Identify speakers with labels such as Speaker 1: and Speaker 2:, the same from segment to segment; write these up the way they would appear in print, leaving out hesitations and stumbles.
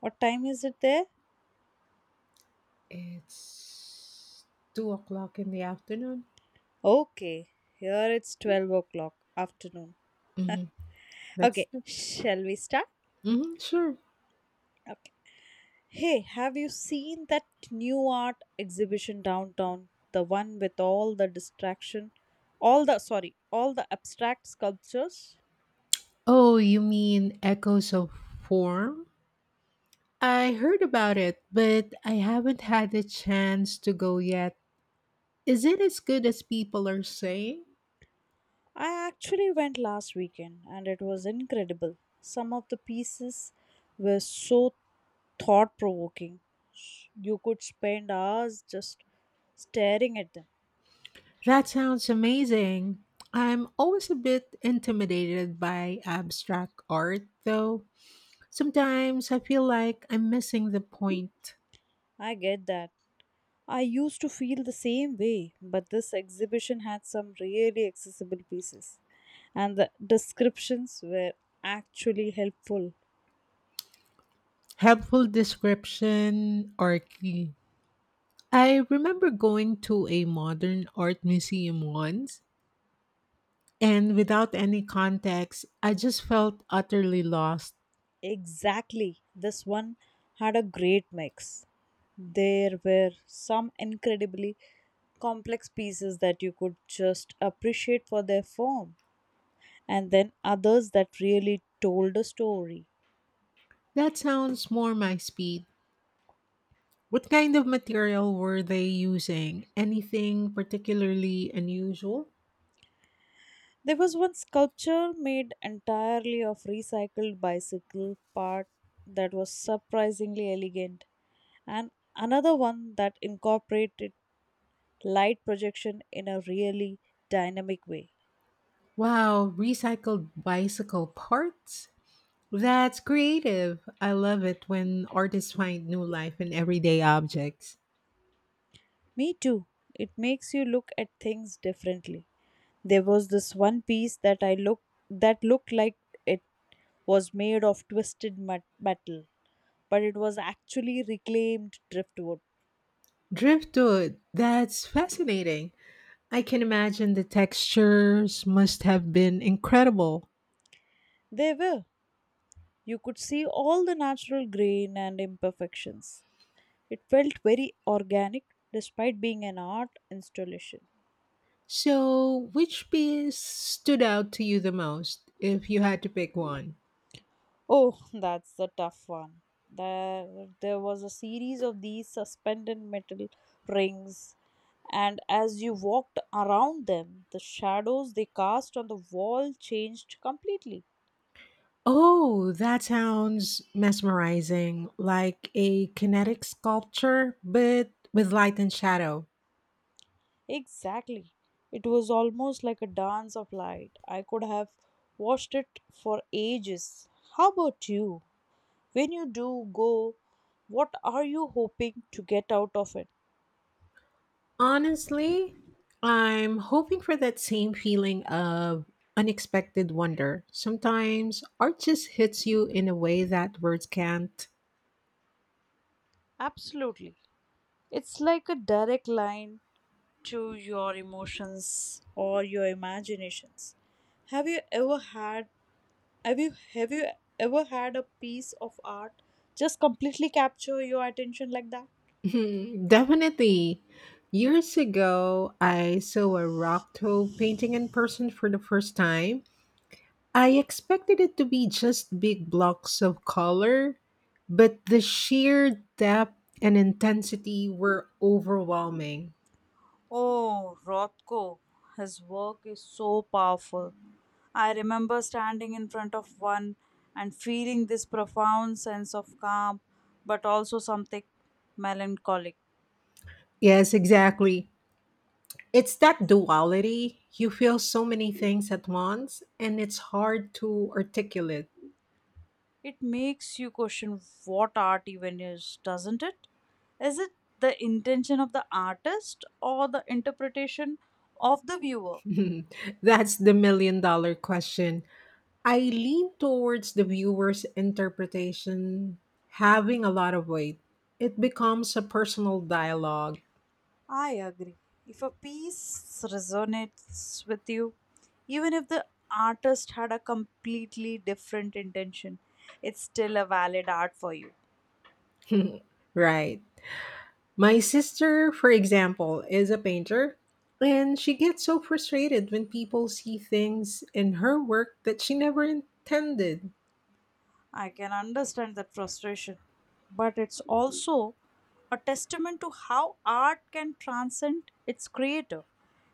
Speaker 1: What time is it there?
Speaker 2: It's 2 o'clock in the afternoon.
Speaker 1: Okay, here it's 12 o'clock afternoon.
Speaker 2: Hmm. That's
Speaker 1: Okay, shall we start?
Speaker 2: Sure.
Speaker 1: Okay. Hey, have you seen that new art exhibition downtown? The one with all the distraction, all all the abstract sculptures?
Speaker 2: Oh, you mean Echoes of Form? I heard about it, but I haven't had the chance to go yet. Is it as good as people are saying?
Speaker 1: I actually went last weekend and it was incredible. Some of the pieces were so thought provoking. You could spend hours just staring at them.
Speaker 2: That sounds amazing. I'm always a bit intimidated by abstract art, though. Sometimes I feel like I'm missing the point.
Speaker 1: I get that. I used to feel the same way, but this exhibition had some really accessible pieces, and the descriptions were actually helpful.
Speaker 2: Helpful description are key. I remember going to a modern art museum once, and without any context, I just felt utterly lost.
Speaker 1: Exactly, this one had a great mix. There were some incredibly complex pieces that you could just appreciate for their form, and then others that really told a story.
Speaker 2: That sounds more my speed. What kind of material were they using? Anything particularly unusual?
Speaker 1: There was one sculpture made entirely of recycled bicycle part that was surprisingly elegant, and another one that incorporated light projection in a really dynamic way.
Speaker 2: Wow, recycled bicycle parts? That's creative. I love it when artists find new life in everyday objects.
Speaker 1: Me too, it makes you look at things differently. There was this one piece that I looked that looked like it was made of metal, but it was actually reclaimed driftwood.
Speaker 2: Driftwood, that's fascinating. I can imagine the textures must have been incredible.
Speaker 1: They were. You could see all the natural grain and imperfections. It felt very organic despite being an art installation.
Speaker 2: So, which piece stood out to you the most if you had to pick one?
Speaker 1: Oh, that's the tough one. There was a series of these suspended metal rings, and as you walked around them, the shadows they cast on the wall changed completely.
Speaker 2: Oh, that sounds mesmerizing, like a kinetic sculpture, but with light and shadow.
Speaker 1: Exactly. It was almost like a dance of light. I could have watched it for ages. How about you? When you do go, what are you hoping to get out of it?
Speaker 2: Honestly, I'm hoping for that same feeling of unexpected wonder. Sometimes art just hits you in a way that words can't.
Speaker 1: Absolutely. It's like a direct line to your emotions or your imaginations. Have you ever had have you ever had a piece of art just completely capture your attention like that?
Speaker 2: Mhm, definitely. Years ago, I saw a rock toe painting in person for the first time. I expected it to be just big blocks of color, but the sheer depth and intensity were overwhelming.
Speaker 1: Oh, Rothko, his work is so powerful. I remember standing in front of one and feeling this profound sense of calm, but also something melancholic.
Speaker 2: Yes, exactly. It's that duality. You feel so many things at once, and it's hard to articulate.
Speaker 1: It makes you question what art even is, doesn't it? Is it the intention of the artist or the interpretation of the viewer?
Speaker 2: That's the million-dollar question. I lean towards the viewer's interpretation having a lot of weight. It becomes a personal dialogue.
Speaker 1: I agree. If a piece resonates with you, even if the artist had a completely different intention, it's still a valid art for you.
Speaker 2: Right. My sister, for example, is a painter, and she gets so frustrated when people see things in her work that she never intended.
Speaker 1: I can understand that frustration, but it's also a testament to how art can transcend its creator.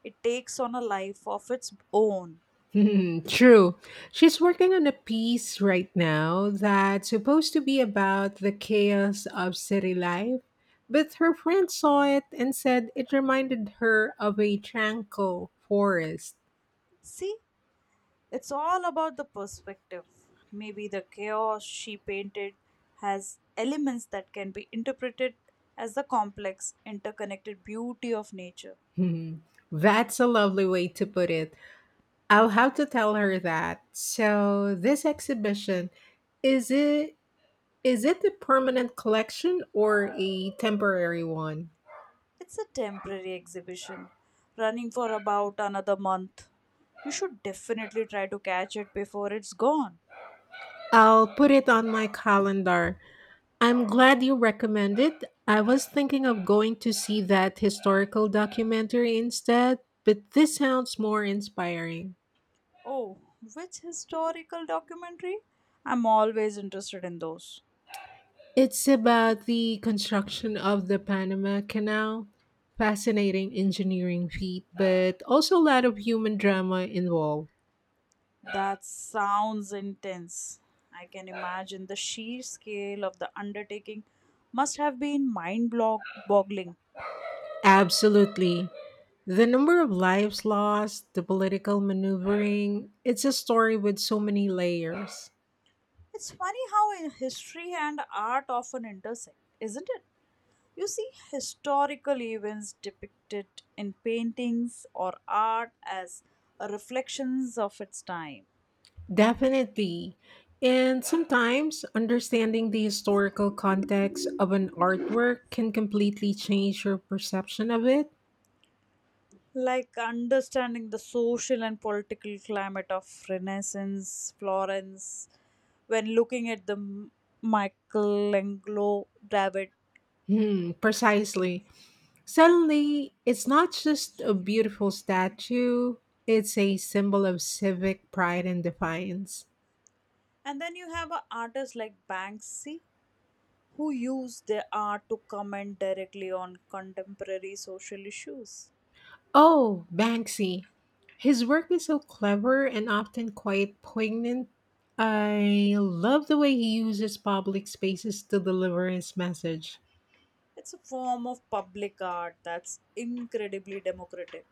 Speaker 1: It takes on a life of its own.
Speaker 2: Hmm, true. She's working on a piece right now that's supposed to be about the chaos of city life, but her friend saw it and said it reminded her of a tranquil forest.
Speaker 1: See, it's all about the perspective. Maybe the chaos she painted has elements that can be interpreted as the complex, interconnected beauty of nature.
Speaker 2: Hmm, that's a lovely way to put it. I'll have to tell her that. So, this exhibition, is it is it a permanent collection or a temporary one?
Speaker 1: It's a temporary exhibition, running for about another month. You should definitely try to catch it before it's gone.
Speaker 2: I'll put it on my calendar. I'm glad you recommended. I was thinking of going to see that historical documentary instead, but this sounds more inspiring.
Speaker 1: Oh, which historical documentary? I'm always interested in those.
Speaker 2: It's about the construction of the Panama Canal. Fascinating engineering feat, but also a lot of human drama involved.
Speaker 1: That sounds intense. I can imagine the sheer scale of the undertaking must have been mind boggling.
Speaker 2: Absolutely. The number of lives lost, the political maneuvering, it's a story with so many layers.
Speaker 1: It's funny how in history and art often intersect, isn't it? You see historical events depicted in paintings or art as reflections of its time.
Speaker 2: Definitely. And sometimes understanding the historical context of an artwork can completely change your perception of it.
Speaker 1: Like understanding the social and political climate of Renaissance Florence when looking at the Michelangelo David.
Speaker 2: Hmm, precisely. Suddenly, it's not just a beautiful statue, it's a symbol of civic pride and defiance.
Speaker 1: And then you have a artists like Banksy who use their art to comment directly on contemporary social issues.
Speaker 2: Oh, Banksy. His work is so clever and often quite poignant. I love the way he uses public spaces to deliver his message.
Speaker 1: It's a form of public art that's incredibly democratic.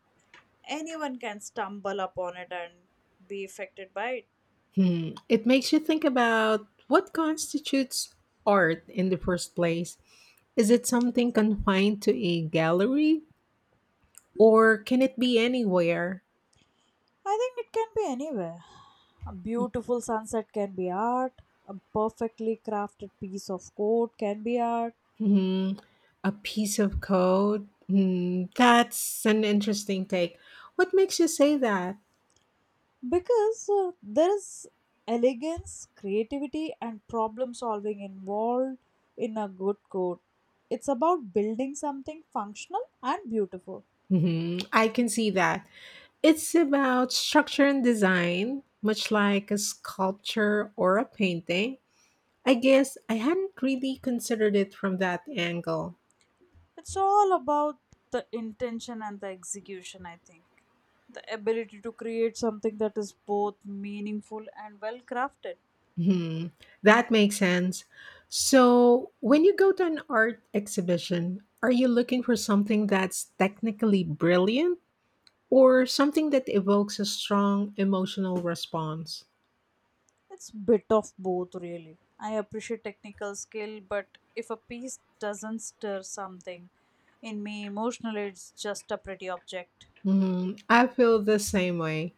Speaker 1: Anyone can stumble upon it and be affected by it.
Speaker 2: Hmm. It makes you think about what constitutes art in the first place. Is it something confined to a gallery or can it be anywhere?
Speaker 1: I think it can be anywhere. A beautiful sunset can be art. A perfectly crafted piece of coat can be art.
Speaker 2: Hmm. A piece of code? Hmm. That's an interesting take. What makes you say that?
Speaker 1: Because there is elegance, creativity, and problem solving involved in a good coat. It's about building something functional and beautiful.
Speaker 2: I can see that. It's about structure and design, much like a sculpture or a painting. I guess I hadn't really considered it from that angle.
Speaker 1: It's all about the intention and the execution, I think. The ability to create something that is both meaningful and well crafted.
Speaker 2: Hmm, that makes sense. So, when you go to an art exhibition, are you looking for something that's technically brilliant or something that evokes a strong emotional response?
Speaker 1: It's bit of both really. I appreciate technical skill, but if a piece doesn't stir something in me emotionally, it's just a pretty object.
Speaker 2: Hmm, I feel the same way.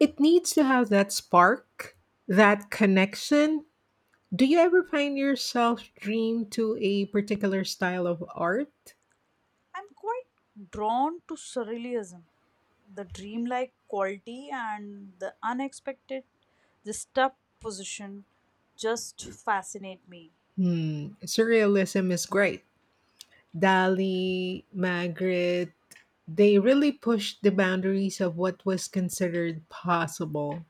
Speaker 2: It needs to have that spark, that connection. Do you ever find yourself dream to a particular style of art?
Speaker 1: I'm quite drawn to surrealism, the dreamlike quality and the unexpected, the step just fascinate me.
Speaker 2: Hmm, surrealism is great. Dali, Magritte, they really pushed the boundaries of what was considered possible.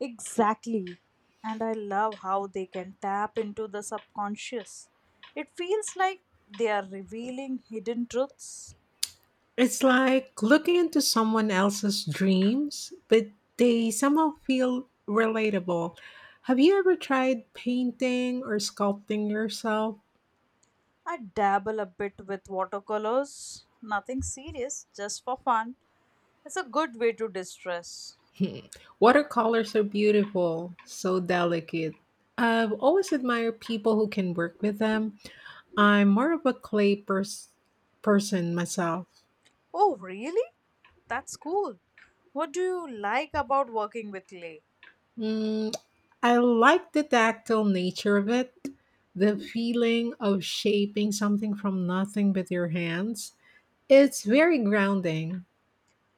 Speaker 1: Exactly. And I love how they can tap into the subconscious. It feels like they are revealing hidden truths.
Speaker 2: It's like looking into someone else's dreams, but they somehow feel relatable. Have you ever tried painting or sculpting yourself?
Speaker 1: I dabble a bit with watercolors, nothing serious, just for fun. It's a good way to distress.
Speaker 2: Watercolors are beautiful, so delicate. I've always admired people who can work with them. I'm more of a clay person myself.
Speaker 1: Oh, really? That's cool. What do you like about working with clay?
Speaker 2: Mm, I like the tactile nature of it, the feeling of shaping something from nothing with your hands. It's very grounding.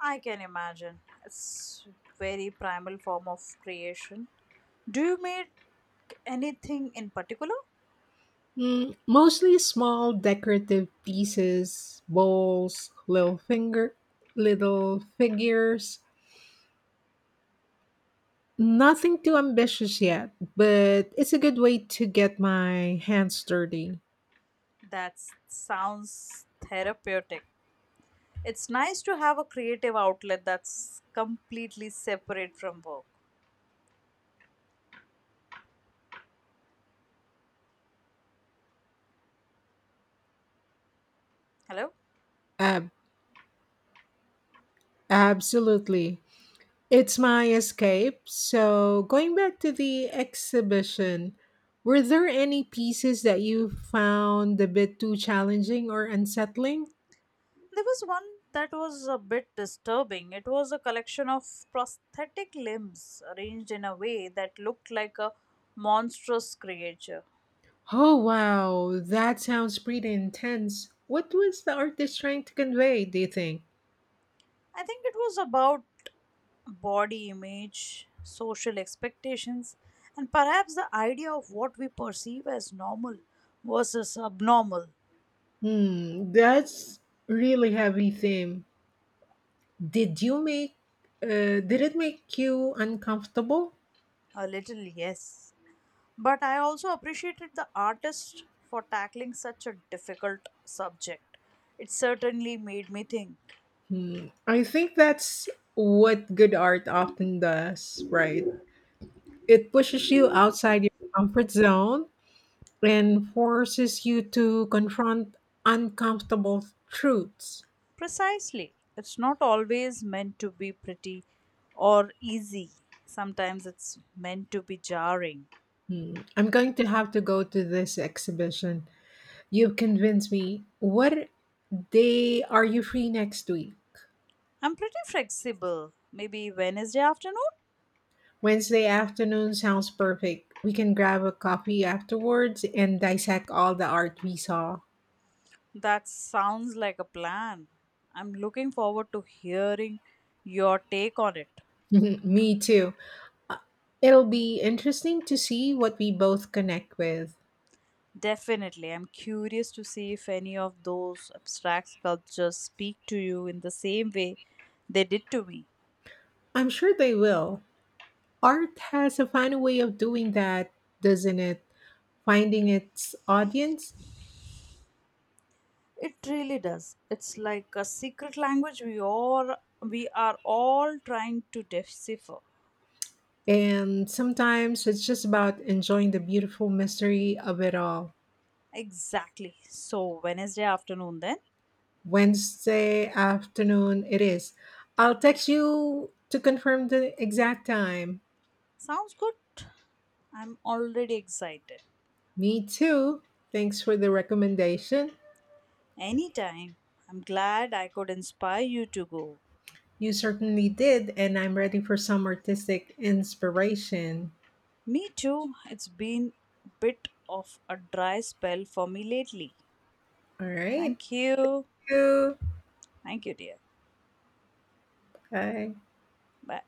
Speaker 1: I can imagine. It's very primal form of creation. Do you make anything in particular?
Speaker 2: Mm, mostly small decorative pieces, bowls, little finger, little figures. Nothing too ambitious yet, but it's a good way to get my hands dirty.
Speaker 1: That sounds therapeutic. It's nice to have a creative outlet that's completely separate from work. Hello?
Speaker 2: Ab- Absolutely. It's my escape. So, going back to the exhibition, were there any pieces that you found a bit too challenging or unsettling?
Speaker 1: There was one that was a bit disturbing. It was a collection of prosthetic limbs arranged in a way that looked like a monstrous creature.
Speaker 2: Oh, wow, that sounds pretty intense. What was the artist trying to convey, do you think?
Speaker 1: I think it was about body image, social expectations, and perhaps the idea of what we perceive as normal versus abnormal.
Speaker 2: Hmm, that's really heavy theme. Did you make did it make you uncomfortable?
Speaker 1: A little, yes. But I also appreciated the artist for tackling such a difficult subject. It certainly made me think.
Speaker 2: Hmm. I think that's what good art often does, right? It pushes you outside your comfort zone and forces you to confront uncomfortable truths.
Speaker 1: Precisely. It's not always meant to be pretty or easy. Sometimes it's meant to be jarring.
Speaker 2: Hmm. I'm going to have to go to this exhibition. You've convinced me. What day are you free next week?
Speaker 1: I'm pretty flexible. Maybe Wednesday afternoon?
Speaker 2: Wednesday afternoon sounds perfect. We can grab a coffee afterwards and dissect all the art we saw.
Speaker 1: That sounds like a plan. I'm looking forward to hearing your take on it.
Speaker 2: Me too. Uh, It'll be interesting to see what we both connect with.
Speaker 1: Definitely. I'm curious to see if any of those abstract sculptures speak to you in the same way they did to me.
Speaker 2: I'm sure they will. Art has a funny way of doing that, doesn't it? Finding its audience.
Speaker 1: It really does. It's like a secret language we are all trying to decipher.
Speaker 2: And sometimes it's just about enjoying the beautiful mystery of it all.
Speaker 1: Exactly. So Wednesday afternoon then.
Speaker 2: Wednesday afternoon it is. I'll text you to confirm the exact time.
Speaker 1: Sounds good. I'm already excited.
Speaker 2: Me too. Thanks for the recommendation.
Speaker 1: Anytime. I'm glad I could inspire you to go.
Speaker 2: You certainly did, and I'm ready for some artistic inspiration.
Speaker 1: Me too. It's been a bit of a dry spell for me lately.
Speaker 2: All right.
Speaker 1: Thank you.
Speaker 2: Thank you.
Speaker 1: Thank you, dear.
Speaker 2: Bye.
Speaker 1: Bye.